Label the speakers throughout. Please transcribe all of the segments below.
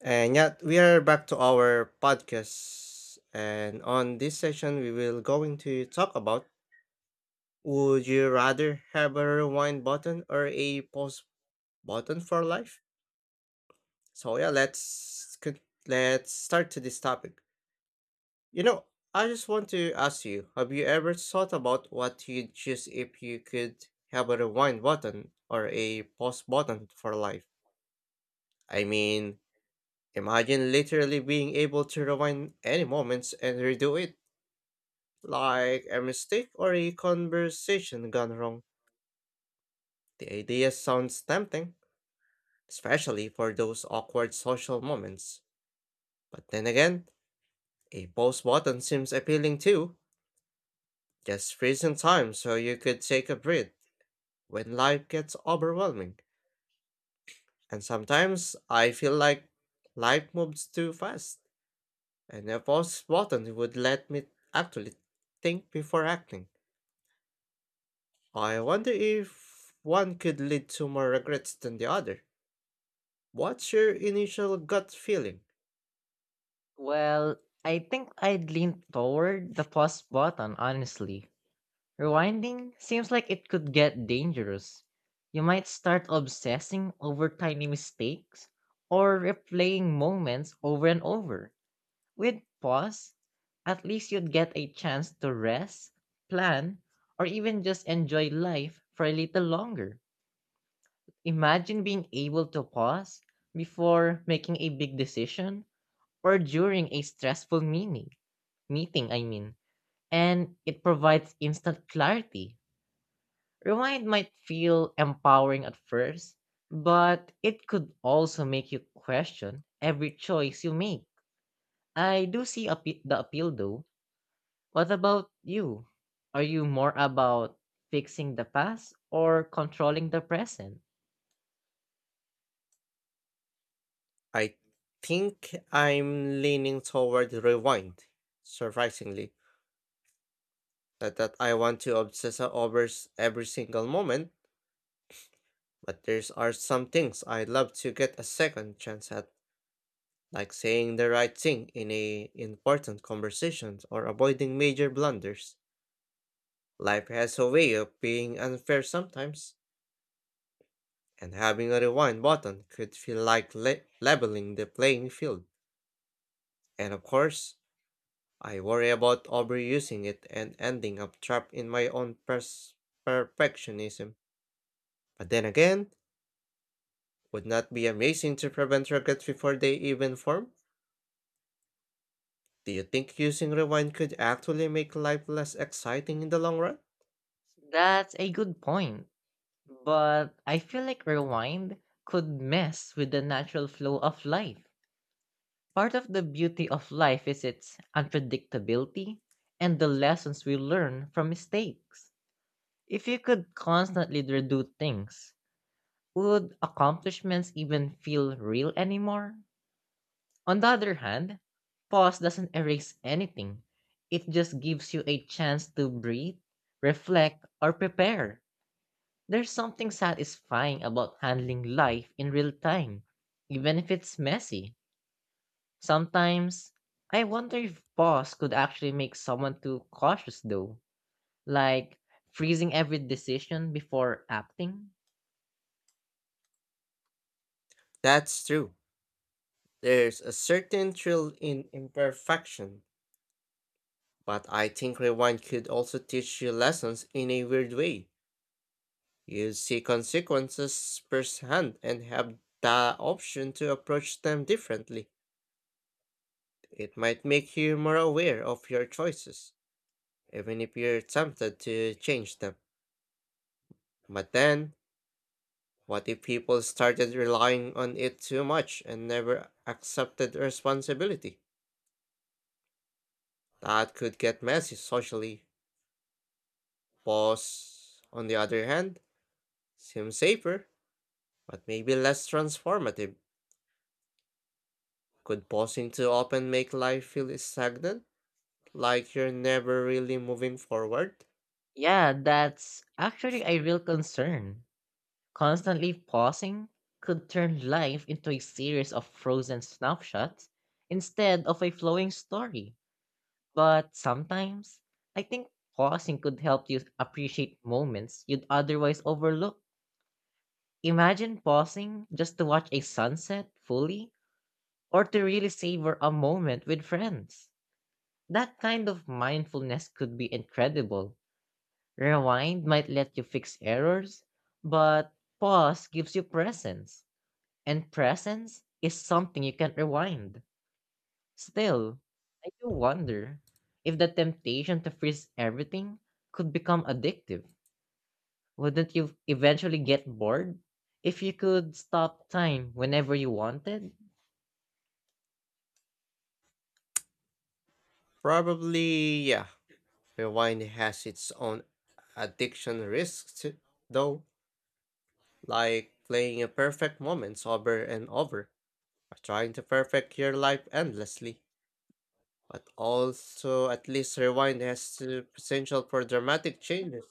Speaker 1: And yet we are back to our podcast. And on this session we will going to talk about would you rather have a rewind button or a pause button for life? So yeah, let's start to this topic. You know, I just want to ask you, have you ever thought about what you'd choose if you could have a rewind button or a pause button for life? I mean, imagine literally being able to rewind any moments and redo it like a mistake or a conversation gone wrong. The idea sounds tempting, especially for those awkward social moments. But then again, a pause button seems appealing too. Just freeze in time so you could take a breath when life gets overwhelming. And sometimes I feel like life moves too fast, and a pause button would let me actually think before acting. I wonder if one could lead to more regrets than the other. What's your initial gut feeling?
Speaker 2: Well, I think I'd lean toward the pause button, honestly. Rewinding seems like it could get dangerous. You might start obsessing over tiny mistakes or replaying moments over and over. With pause, at least you'd get a chance to rest, plan, or even just enjoy life for a little longer. Imagine being able to pause before making a big decision or during a stressful meeting, I mean, and it provides instant clarity. Rewind might feel empowering at first, but it could also make you question every choice you make. I do see the appeal though. What about you? Are you more about fixing the past or controlling the present?
Speaker 1: I think I'm leaning toward rewind, surprisingly. Not that I want to obsess over every single moment, but there's are some things I'd love to get a second chance at, like saying the right thing in a important conversation or avoiding major blunders. Life has a way of being unfair sometimes, and having a rewind button could feel like leveling the playing field. And of course, I worry about overusing it and ending up trapped in my own perfectionism. But then again, would not be amazing to prevent regrets before they even form? Do you think using rewind could actually make life less exciting in the long run?
Speaker 2: That's a good point, but I feel like rewind could mess with the natural flow of life. Part of the beauty of life is its unpredictability and the lessons we learn from mistakes. If you could constantly redo things, would accomplishments even feel real anymore? On the other hand, pause doesn't erase anything. It just gives you a chance to breathe, reflect, or prepare. There's something satisfying about handling life in real time, even if it's messy. Sometimes, I wonder if pause could actually make someone too cautious though, like freezing every decision before acting.
Speaker 1: That's true. There's a certain thrill in imperfection. But I think rewind could also teach you lessons in a weird way. You see consequences firsthand and have the option to approach them differently. It might make you more aware of your choices, even if you're tempted to change them. But then, what if people started relying on it too much and never accepted responsibility? That could get messy socially. Pause, on the other hand, seems safer but maybe less transformative. Could pausing too often make life feel stagnant, like you're never really moving forward?
Speaker 2: Yeah, that's actually a real concern. Constantly pausing could turn life into a series of frozen snapshots instead of a flowing story. But sometimes, I think pausing could help you appreciate moments you'd otherwise overlook. Imagine pausing just to watch a sunset fully or to really savor a moment with friends. That kind of mindfulness could be incredible. Rewind might let you fix errors, but pause gives you presence, and presence is something you can't rewind. Still, I do wonder if the temptation to freeze everything could become addictive. Wouldn't you eventually get bored if you could stop time whenever you wanted?
Speaker 1: Probably, yeah. Rewind has its own addiction risks, too, though, like playing a perfect moment over and over, or trying to perfect your life endlessly. But also, at least rewind has the potential for dramatic changes.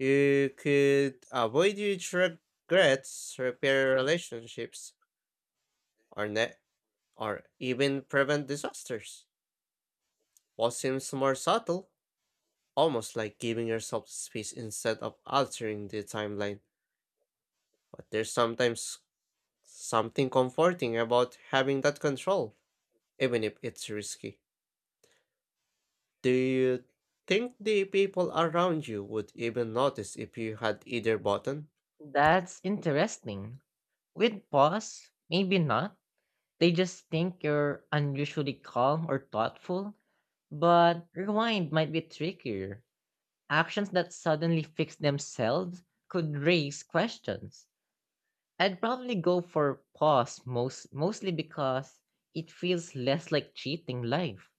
Speaker 1: You could avoid huge regrets, repair relationships, or net or even prevent disasters. What seems more subtle, almost like giving yourself space instead of altering the timeline. But there's sometimes something comforting about having that control, even if it's risky. Do you think the people around you would even notice if you had either button?
Speaker 2: That's interesting. With pause, maybe not. They just think you're unusually calm or thoughtful, but rewind might be trickier. Actions that suddenly fix themselves could raise questions. I'd probably go for pause mostly because it feels less like cheating life.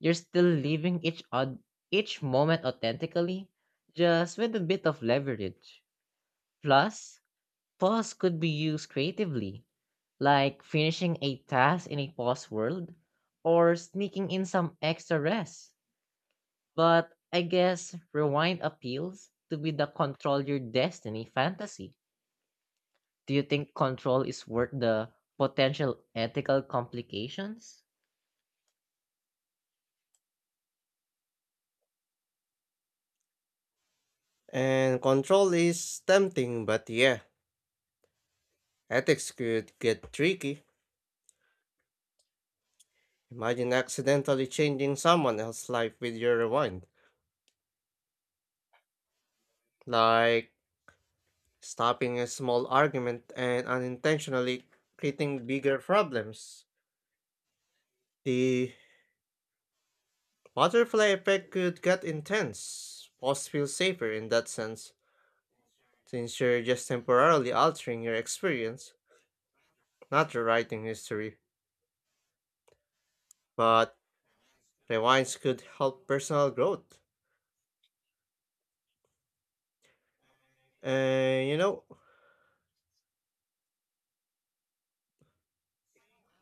Speaker 2: You're still living each moment authentically, just with a bit of leverage. Plus, pause could be used creatively, like finishing a task in a pause world or sneaking in some extra rest. But I guess rewind appeals to be the control your destiny fantasy. Do you think control is worth the potential ethical complications?
Speaker 1: And control is tempting, but yeah, ethics could get tricky. Imagine accidentally changing someone else's life with your rewind. Like stopping a small argument and unintentionally creating bigger problems. The butterfly effect could get intense. Pause feels safer in that sense, since you're just temporarily altering your experience, not rewriting history. But rewinds could help personal growth. And you know,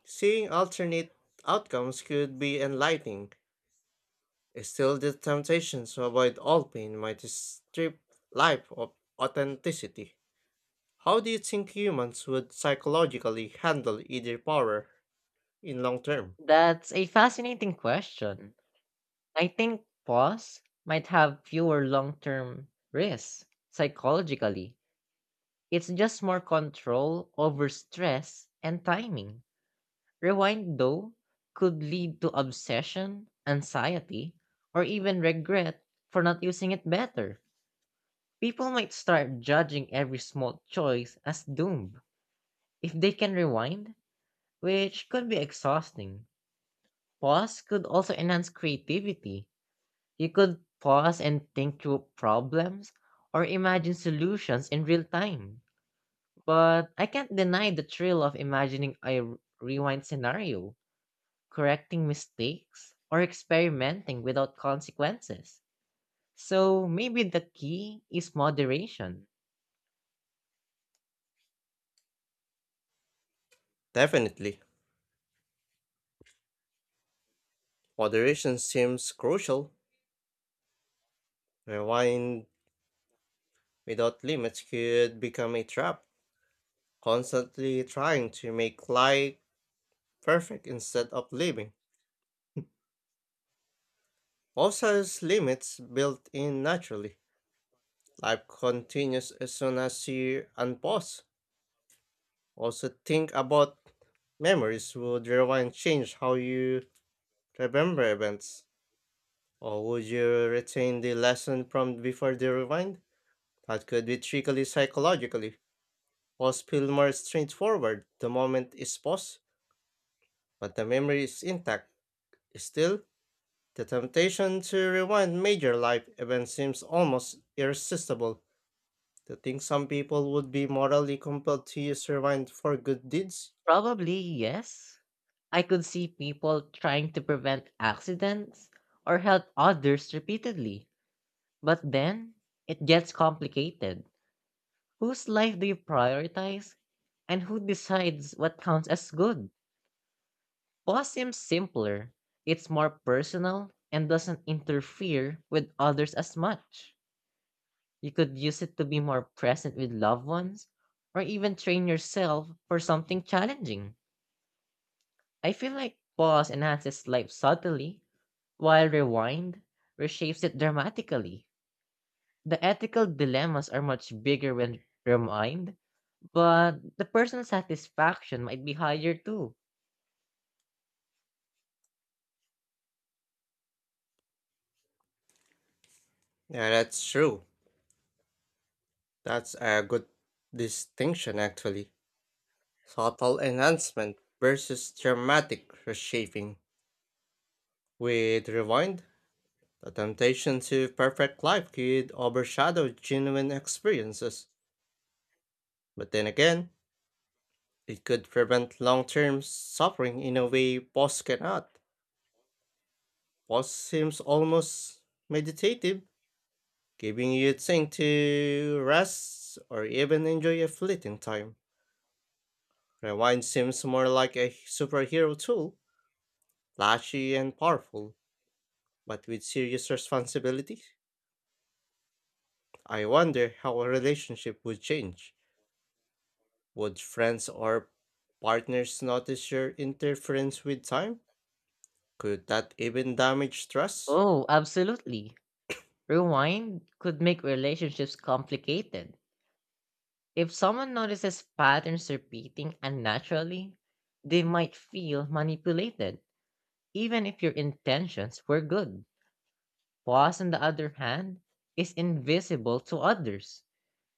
Speaker 1: seeing alternate outcomes could be enlightening. Still, the temptation to avoid all pain might strip life of authenticity. How do you think humans would psychologically handle either power in long term?
Speaker 2: That's a fascinating question. I think pause might have fewer long term risks psychologically. It's just more control over stress and timing. Rewind, though, could lead to obsession, anxiety, or even regret for not using it better. People might start judging every small choice as doomed if they can rewind, which could be exhausting. Pause could also enhance creativity. You could pause and think through problems or imagine solutions in real time. But I can't deny the thrill of imagining a rewind scenario, correcting mistakes, or experimenting without consequences. So maybe the key is moderation.
Speaker 1: Definitely, moderation seems crucial. Rewind without limits could become a trap, constantly trying to make life perfect instead of living. Also, has limits built in naturally. Life continues as soon as you unpause. Also, think about memories. Would rewind change how you remember events? Or would you retain the lesson from before the rewind? That could be tricky psychologically. Pause feel more straightforward. The moment is paused, but the memory is intact. Still, the temptation to rewind major life events seems almost irresistible. To think some people would be morally compelled to use rewind for good deeds?
Speaker 2: Probably yes. I could see people trying to prevent accidents or help others repeatedly, but then it gets complicated. Whose life do you prioritize? And who decides what counts as good? Pause seems simpler. It's more personal and doesn't interfere with others as much. You could use it to be more present with loved ones or even train yourself for something challenging. I feel like pause enhances life subtly, while rewind reshapes it dramatically. The ethical dilemmas are much bigger when rewind, but the personal satisfaction might be higher too.
Speaker 1: Yeah, that's true. That's a good distinction, actually. Subtle enhancement versus dramatic reshaping. With rewind, the temptation to perfect life could overshadow genuine experiences, but then again, it could prevent long term suffering in a way pause cannot. Pause seems almost meditative, giving you thing to rest or even enjoy a fleeting time. Rewind seems more like a superhero tool, flashy and powerful, but with serious responsibility. I wonder how a relationship would change. Would friends or partners notice your interference with time? Could that even damage trust?
Speaker 2: Oh, absolutely. Rewind could make relationships complicated. If someone notices patterns repeating unnaturally, they might feel manipulated, even if your intentions were good. Pause, on the other hand, is invisible to others,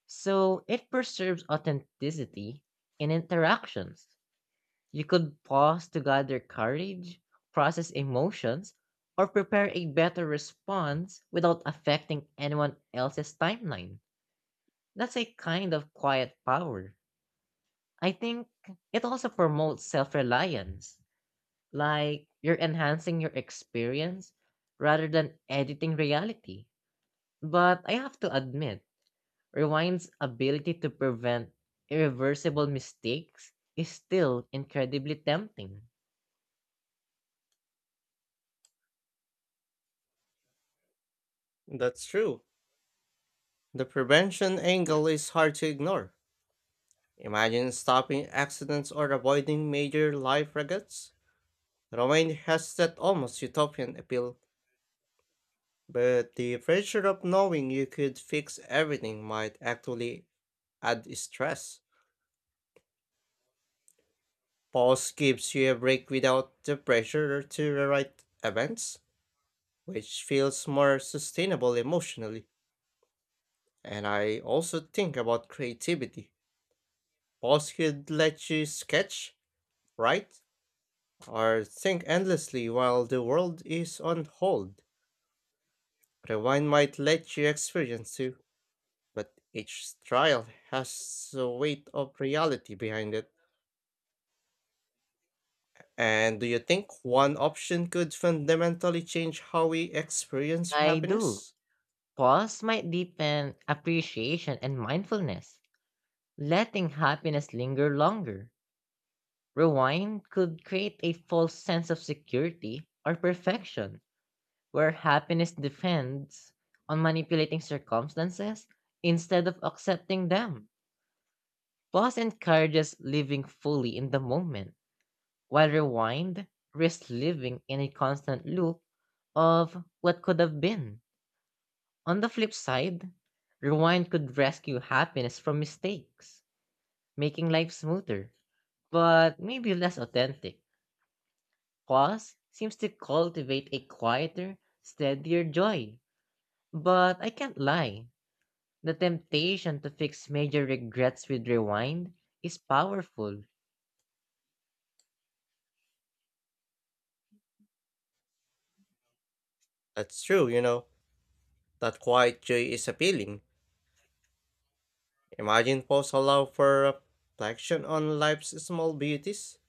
Speaker 2: so it preserves authenticity in interactions. You could pause to gather courage, process emotions, or prepare a better response without affecting anyone else's timeline. That's a kind of quiet power. I think it also promotes self reliance, like you're enhancing your experience rather than editing reality. But I have to admit, Rewind's ability to prevent irreversible mistakes is still incredibly tempting.
Speaker 1: That's true. The prevention angle is hard to ignore. Imagine stopping accidents or avoiding major life regrets. Romaine has that almost utopian appeal, but the pressure of knowing you could fix everything might actually add stress. Pause gives you a break without the pressure to rewrite events, which feels more sustainable emotionally. And I also think about creativity. Pause could let you sketch, write, or think endlessly while the world is on hold. Rewind might let you experience too, but each trial has the weight of reality behind it. And do you think one option could fundamentally change how we experience
Speaker 2: I do.
Speaker 1: happiness?
Speaker 2: Pause might deepen appreciation and mindfulness, letting happiness linger longer. Rewind could create a false sense of security or perfection, where happiness depends on manipulating circumstances instead of accepting them. Pause encourages living fully in the moment, while rewind risks living in a constant loop of what could have been. On the flip side, rewind could rescue happiness from mistakes, making life smoother, but maybe less authentic. Pause seems to cultivate a quieter, steadier joy. But I can't lie, the temptation to fix major regrets with rewind is powerful.
Speaker 1: That's true, you know. That quiet joy is appealing. Imagine pause allow for reflection on life's small beauties,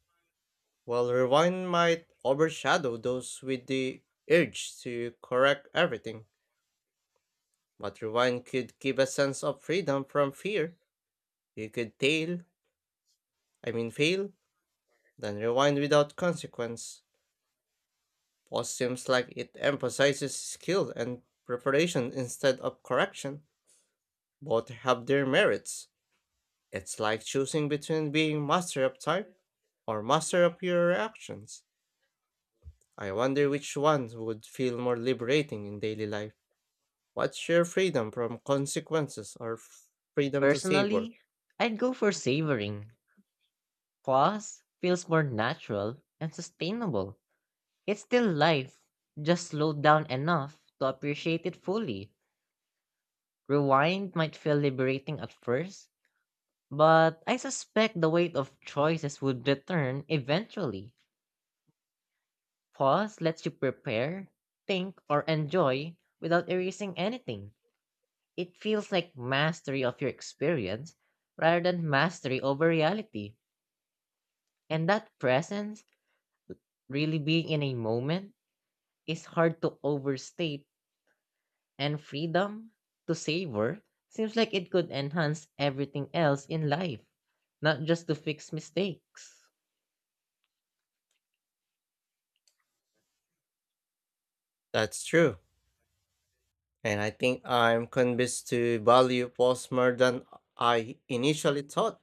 Speaker 1: while rewind might overshadow those with the urge to correct everything. But rewind could give a sense of freedom from fear. You could fail, fail, then rewind without consequence. Pause seems like it emphasizes skill and preparation instead of correction. Both have their merits. It's like choosing between being master of time or master of your reactions. I wonder which one would feel more liberating in daily life. What's your freedom from consequences or freedom to savor?
Speaker 2: Personally, I'd go for savoring. Pause feels more natural and sustainable. It's still life, just slowed down enough to appreciate it fully. Rewind might feel liberating at first, but I suspect the weight of choices would return eventually. Pause lets you prepare, think, or enjoy without erasing anything. It feels like mastery of your experience rather than mastery over reality. And that presence, really being in a moment, is hard to overstate, and freedom to savor seems like it could enhance everything else in life, not just to fix mistakes.
Speaker 1: That's true. And I think I'm convinced to value pause more than I initially thought.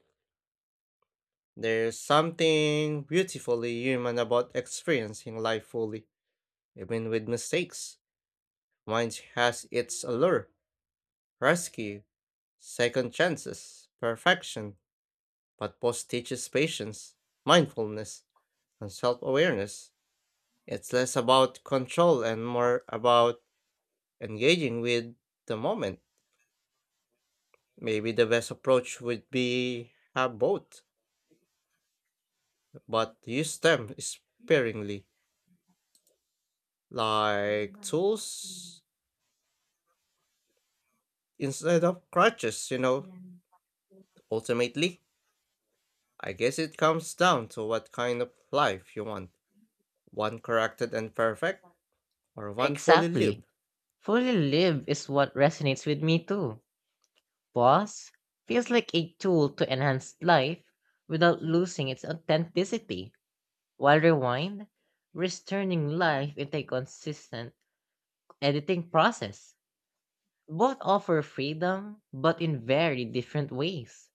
Speaker 1: There's something beautifully human about experiencing life fully, even with mistakes. Wine has its allure, rescue, second chances, perfection, but post teaches patience, mindfulness, and self awareness. It's less about control and more about engaging with the moment. Maybe the best approach would be have both, but use them sparingly, like tools instead of crutches. Ultimately, I guess it comes down to what kind of life you want, one corrected and perfect, or one fully
Speaker 2: Exactly.
Speaker 1: lived.
Speaker 2: Fully live is what resonates with me too. Pause feels like a tool to enhance life without losing its authenticity, while rewind risks turning life into a consistent editing process. Both offer freedom, but in very different ways.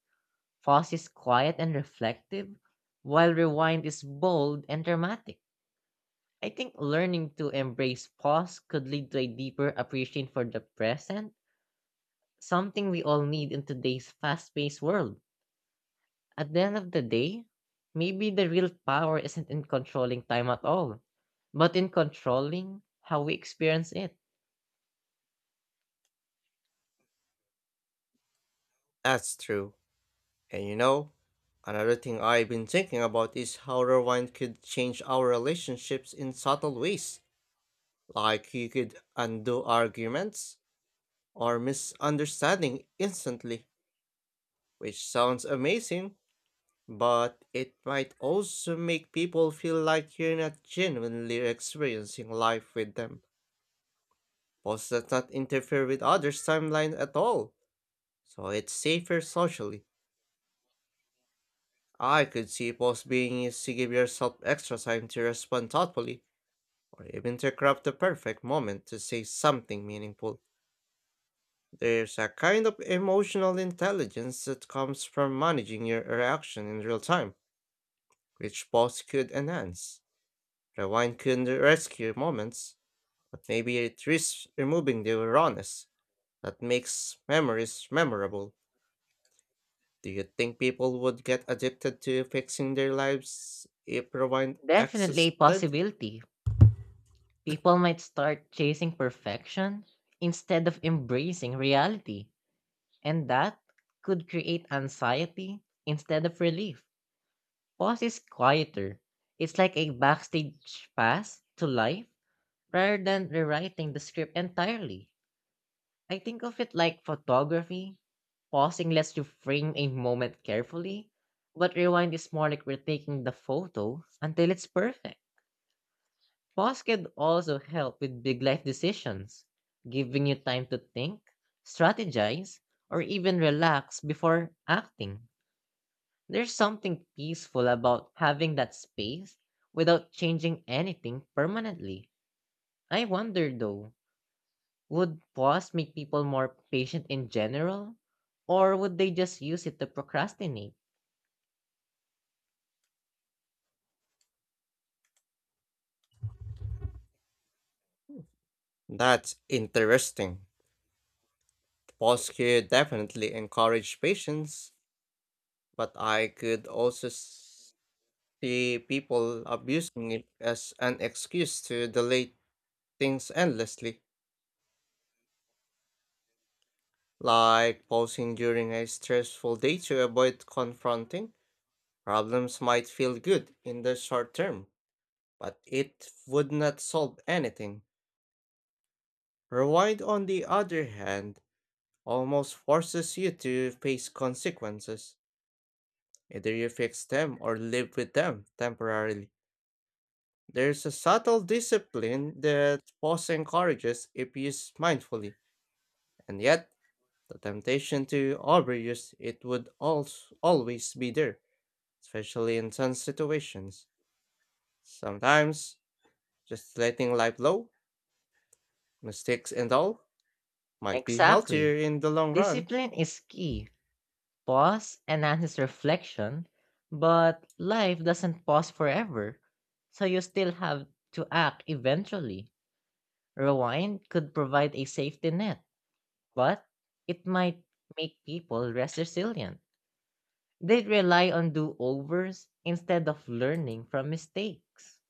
Speaker 2: Fuzz is quiet and reflective, while Rewind is bold and dramatic. I think learning to embrace pause could lead to a deeper appreciation for the present, something we all need in today's fast paced world. At the end of the day, maybe the real power isn't in controlling time at all, but in controlling how we experience it.
Speaker 1: That's true. And you know, another thing I've been thinking about is how rewind could change our relationships in subtle ways. Like, you could undo arguments or misunderstanding instantly, which sounds amazing. But it might also make people feel like you're not genuinely experiencing life with them. Posts that not interfere with others' timeline at all, so it's safer socially. I could see posts being used to give yourself extra time to respond thoughtfully, or even to craft the perfect moment to say something meaningful. There's a kind of emotional intelligence that comes from managing your reaction in real time, which posts could enhance. Rewind could rescue moments. But maybe it risks removing the rawness that makes memories memorable. Do you think people would get addicted to fixing their lives if rewind
Speaker 2: Definitely a
Speaker 1: existed?
Speaker 2: possibility. People might start chasing perfection instead of embracing reality. And that could create anxiety instead of relief. Pause is quieter. It's like a backstage pass to life rather than rewriting the script entirely. I think of it like photography. Pausing lets you frame a moment carefully, but rewind is more like retaking the photo until it's perfect. Pause can also help with big life decisions, giving you time to think, strategize, or even relax before acting. There's something peaceful about having that space without changing anything permanently. I wonder though, would pause make people more patient in general? Or would they just use it to procrastinate?
Speaker 1: That's interesting. Pause could definitely encourage patience, but I could also see people abusing it as an excuse to delay things endlessly, like pausing during a stressful day to avoid confronting. Problems might feel good in the short term, but it would not solve anything. Rewind, on the other hand, almost forces you to face consequences. Either you fix them or live with them temporarily. There's a subtle discipline that pause encourages if used mindfully, and yet the temptation to overuse it would also always be there, especially in some situations. Sometimes just letting life flow, mistakes and all, might be healthier
Speaker 2: Exactly.
Speaker 1: in the long run.
Speaker 2: Discipline is key. Pause enhances reflection, but life doesn't pause forever, so you still have to act eventually. Rewind could provide a safety net, but it might make people less resilient. They rely on do overs instead of learning from mistakes.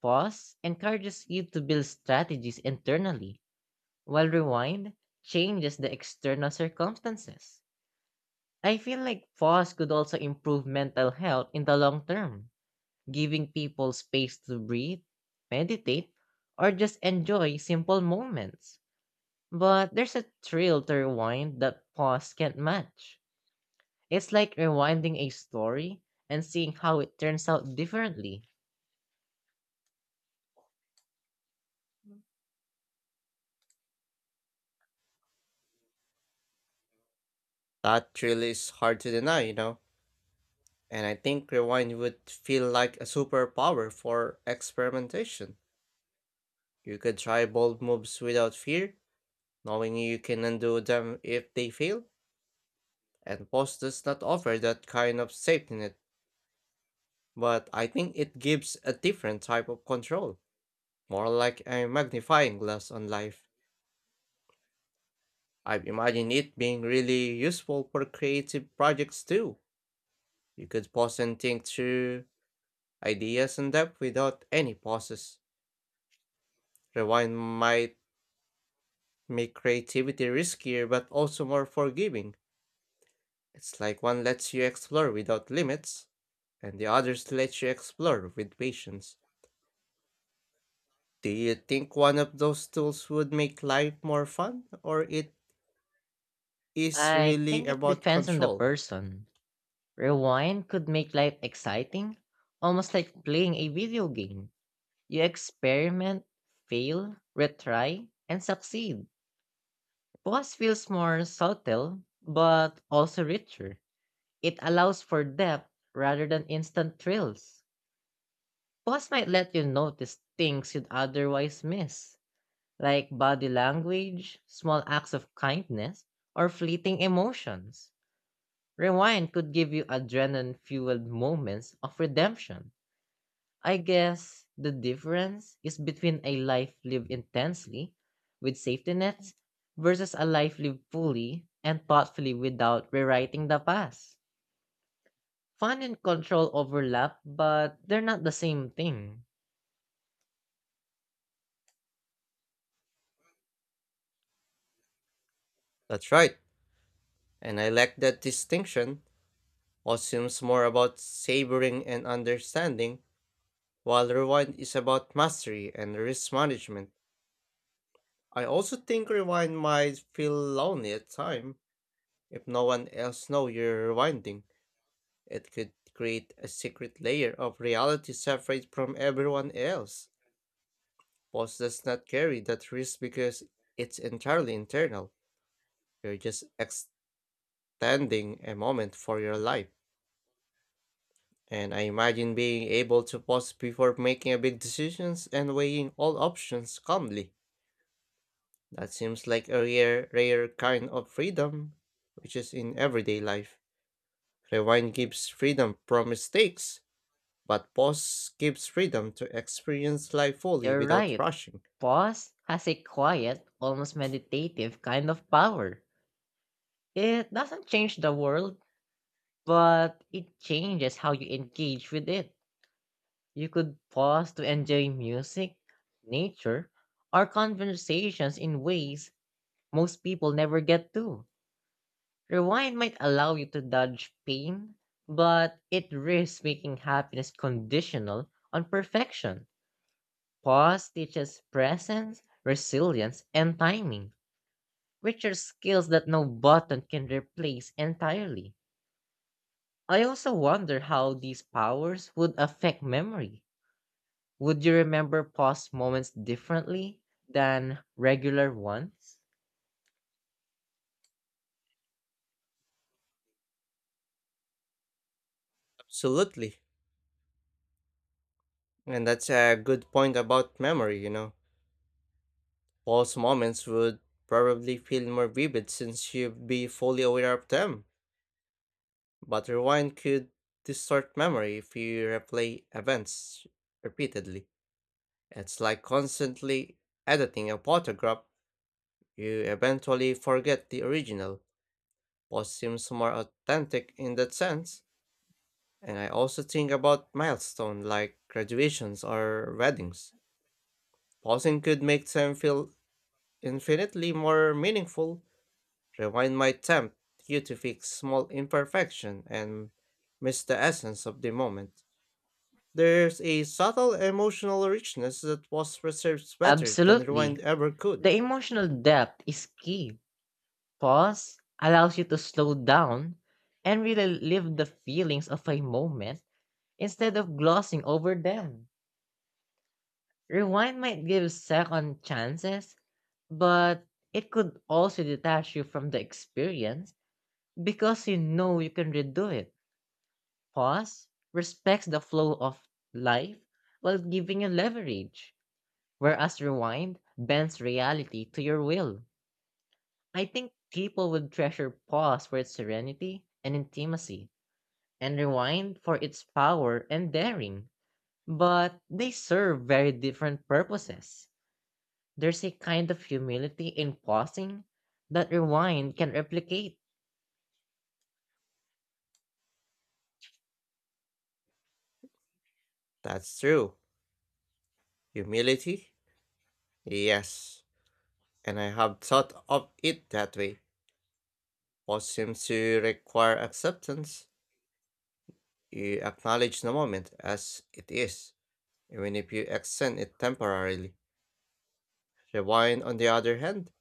Speaker 2: Pause encourages you to build strategies internally, while rewind changes the external circumstances. I feel like pause could also improve mental health in the long term, giving people space to breathe, meditate, or just enjoy simple moments. But there's a thrill to rewind that pause can't match. It's like rewinding a story and seeing how it turns out differently.
Speaker 1: That really is hard to deny, you know. And I think rewind would feel like a superpower for experimentation. You could try bold moves without fear, knowing you can undo them if they fail, and post does not offer that kind of safety net. But I think it gives a different type of control, more like a magnifying glass on life. I've imagined it being really useful for creative projects too. You could pause and think through ideas in depth without any pauses. Rewind might make creativity riskier but also more forgiving. It's like one lets you explore without limits, and the others lets you explore with patience. Do you think one of those tools would make life more fun, or it is
Speaker 2: I
Speaker 1: really
Speaker 2: think it
Speaker 1: about
Speaker 2: depends on the
Speaker 1: control?
Speaker 2: person. Rewind could make life exciting, almost like playing a video game. You experiment, fail, retry, and succeed. Pause feels more subtle, but also richer. It allows for depth rather than instant thrills. Pause might let you notice things you'd otherwise miss, like body language, small acts of kindness, or fleeting emotions. Rewind could give you adrenaline fueled moments of redemption. I guess the difference is between a life lived intensely with safety nets versus a life lived fully and thoughtfully without rewriting the past. Fun and control overlap, but they're not the same thing.
Speaker 1: That's right, and I like that distinction. What seems more about savoring and understanding, while rewind is about mastery and risk management. I also think rewind might feel lonely at time. If no one else knows you're rewinding, it could create a secret layer of reality separate from everyone else. Boss does not carry that risk because it's entirely internal. You're just extending a moment for your life. And I imagine being able to pause before making a big decisions and weighing all options calmly. That seems like a rare, rare kind of freedom, which is in everyday life. Rewind gives freedom from mistakes, but pause gives freedom to experience life fully
Speaker 2: You're
Speaker 1: without
Speaker 2: right.
Speaker 1: rushing.
Speaker 2: Pause has a quiet, almost meditative kind of power. It doesn't change the world, but it changes how you engage with it. You could pause to enjoy music, nature, or conversations in ways most people never get to. Rewind might allow you to dodge pain, but it risks making happiness conditional on perfection. Pause teaches presence, resilience, and timing, which are skills that no button can replace entirely. I also wonder how these powers would affect memory. Would you remember past moments differently than regular ones?
Speaker 1: Absolutely. And that's a good point about memory, you know. Pause moments would probably feel more vivid since you'd be fully aware of them. But rewind could distort memory if you replay events repeatedly. It's like constantly editing a photograph. You eventually forget the original, but seems more authentic in that sense. And I also think about milestones like graduations or weddings. Pausing could make them feel infinitely more meaningful. Rewind might tempt you to fix small imperfection and miss the essence of the moment. There's a subtle emotional richness that was preserved better than
Speaker 2: Absolutely.
Speaker 1: rewind ever could.
Speaker 2: The emotional depth is key. Pause allows you to slow down and really live the feelings of a moment instead of glossing over them. Rewind might give second chances, but it could also detach you from the experience because you know you can redo it. Pause respects the flow of life while giving you leverage, whereas rewind bends reality to your will. I think people would treasure pause for its serenity and intimacy, and rewind for its power and daring. But they serve very different purposes. There's a kind of humility in pausing that rewind can replicate.
Speaker 1: That's true. Humility? Yes. And I have thought of it that way. What seems to require acceptance, you acknowledge the moment as it is, even if you extend it temporarily. Rewind, on the other hand,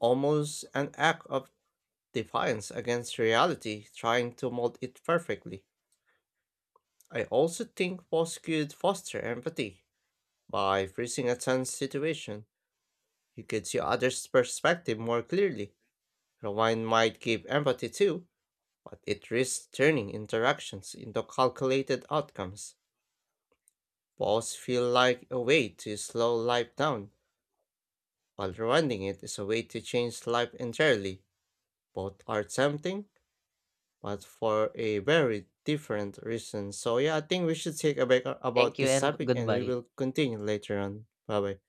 Speaker 1: almost an act of defiance against reality, trying to mold it perfectly. I also think foss could foster empathy. By freezing a tense situation, you could see others' perspective more clearly. Rewind might give empathy too, but it risks turning interactions into calculated outcomes. Balls feel like a way to slow life down, while running it is a way to change life entirely. Both are tempting, but for a very different reason. So yeah, I think we should take a break
Speaker 2: Thank
Speaker 1: about
Speaker 2: you
Speaker 1: this
Speaker 2: and
Speaker 1: topic and we
Speaker 2: goodbye.
Speaker 1: will continue later on. Bye bye.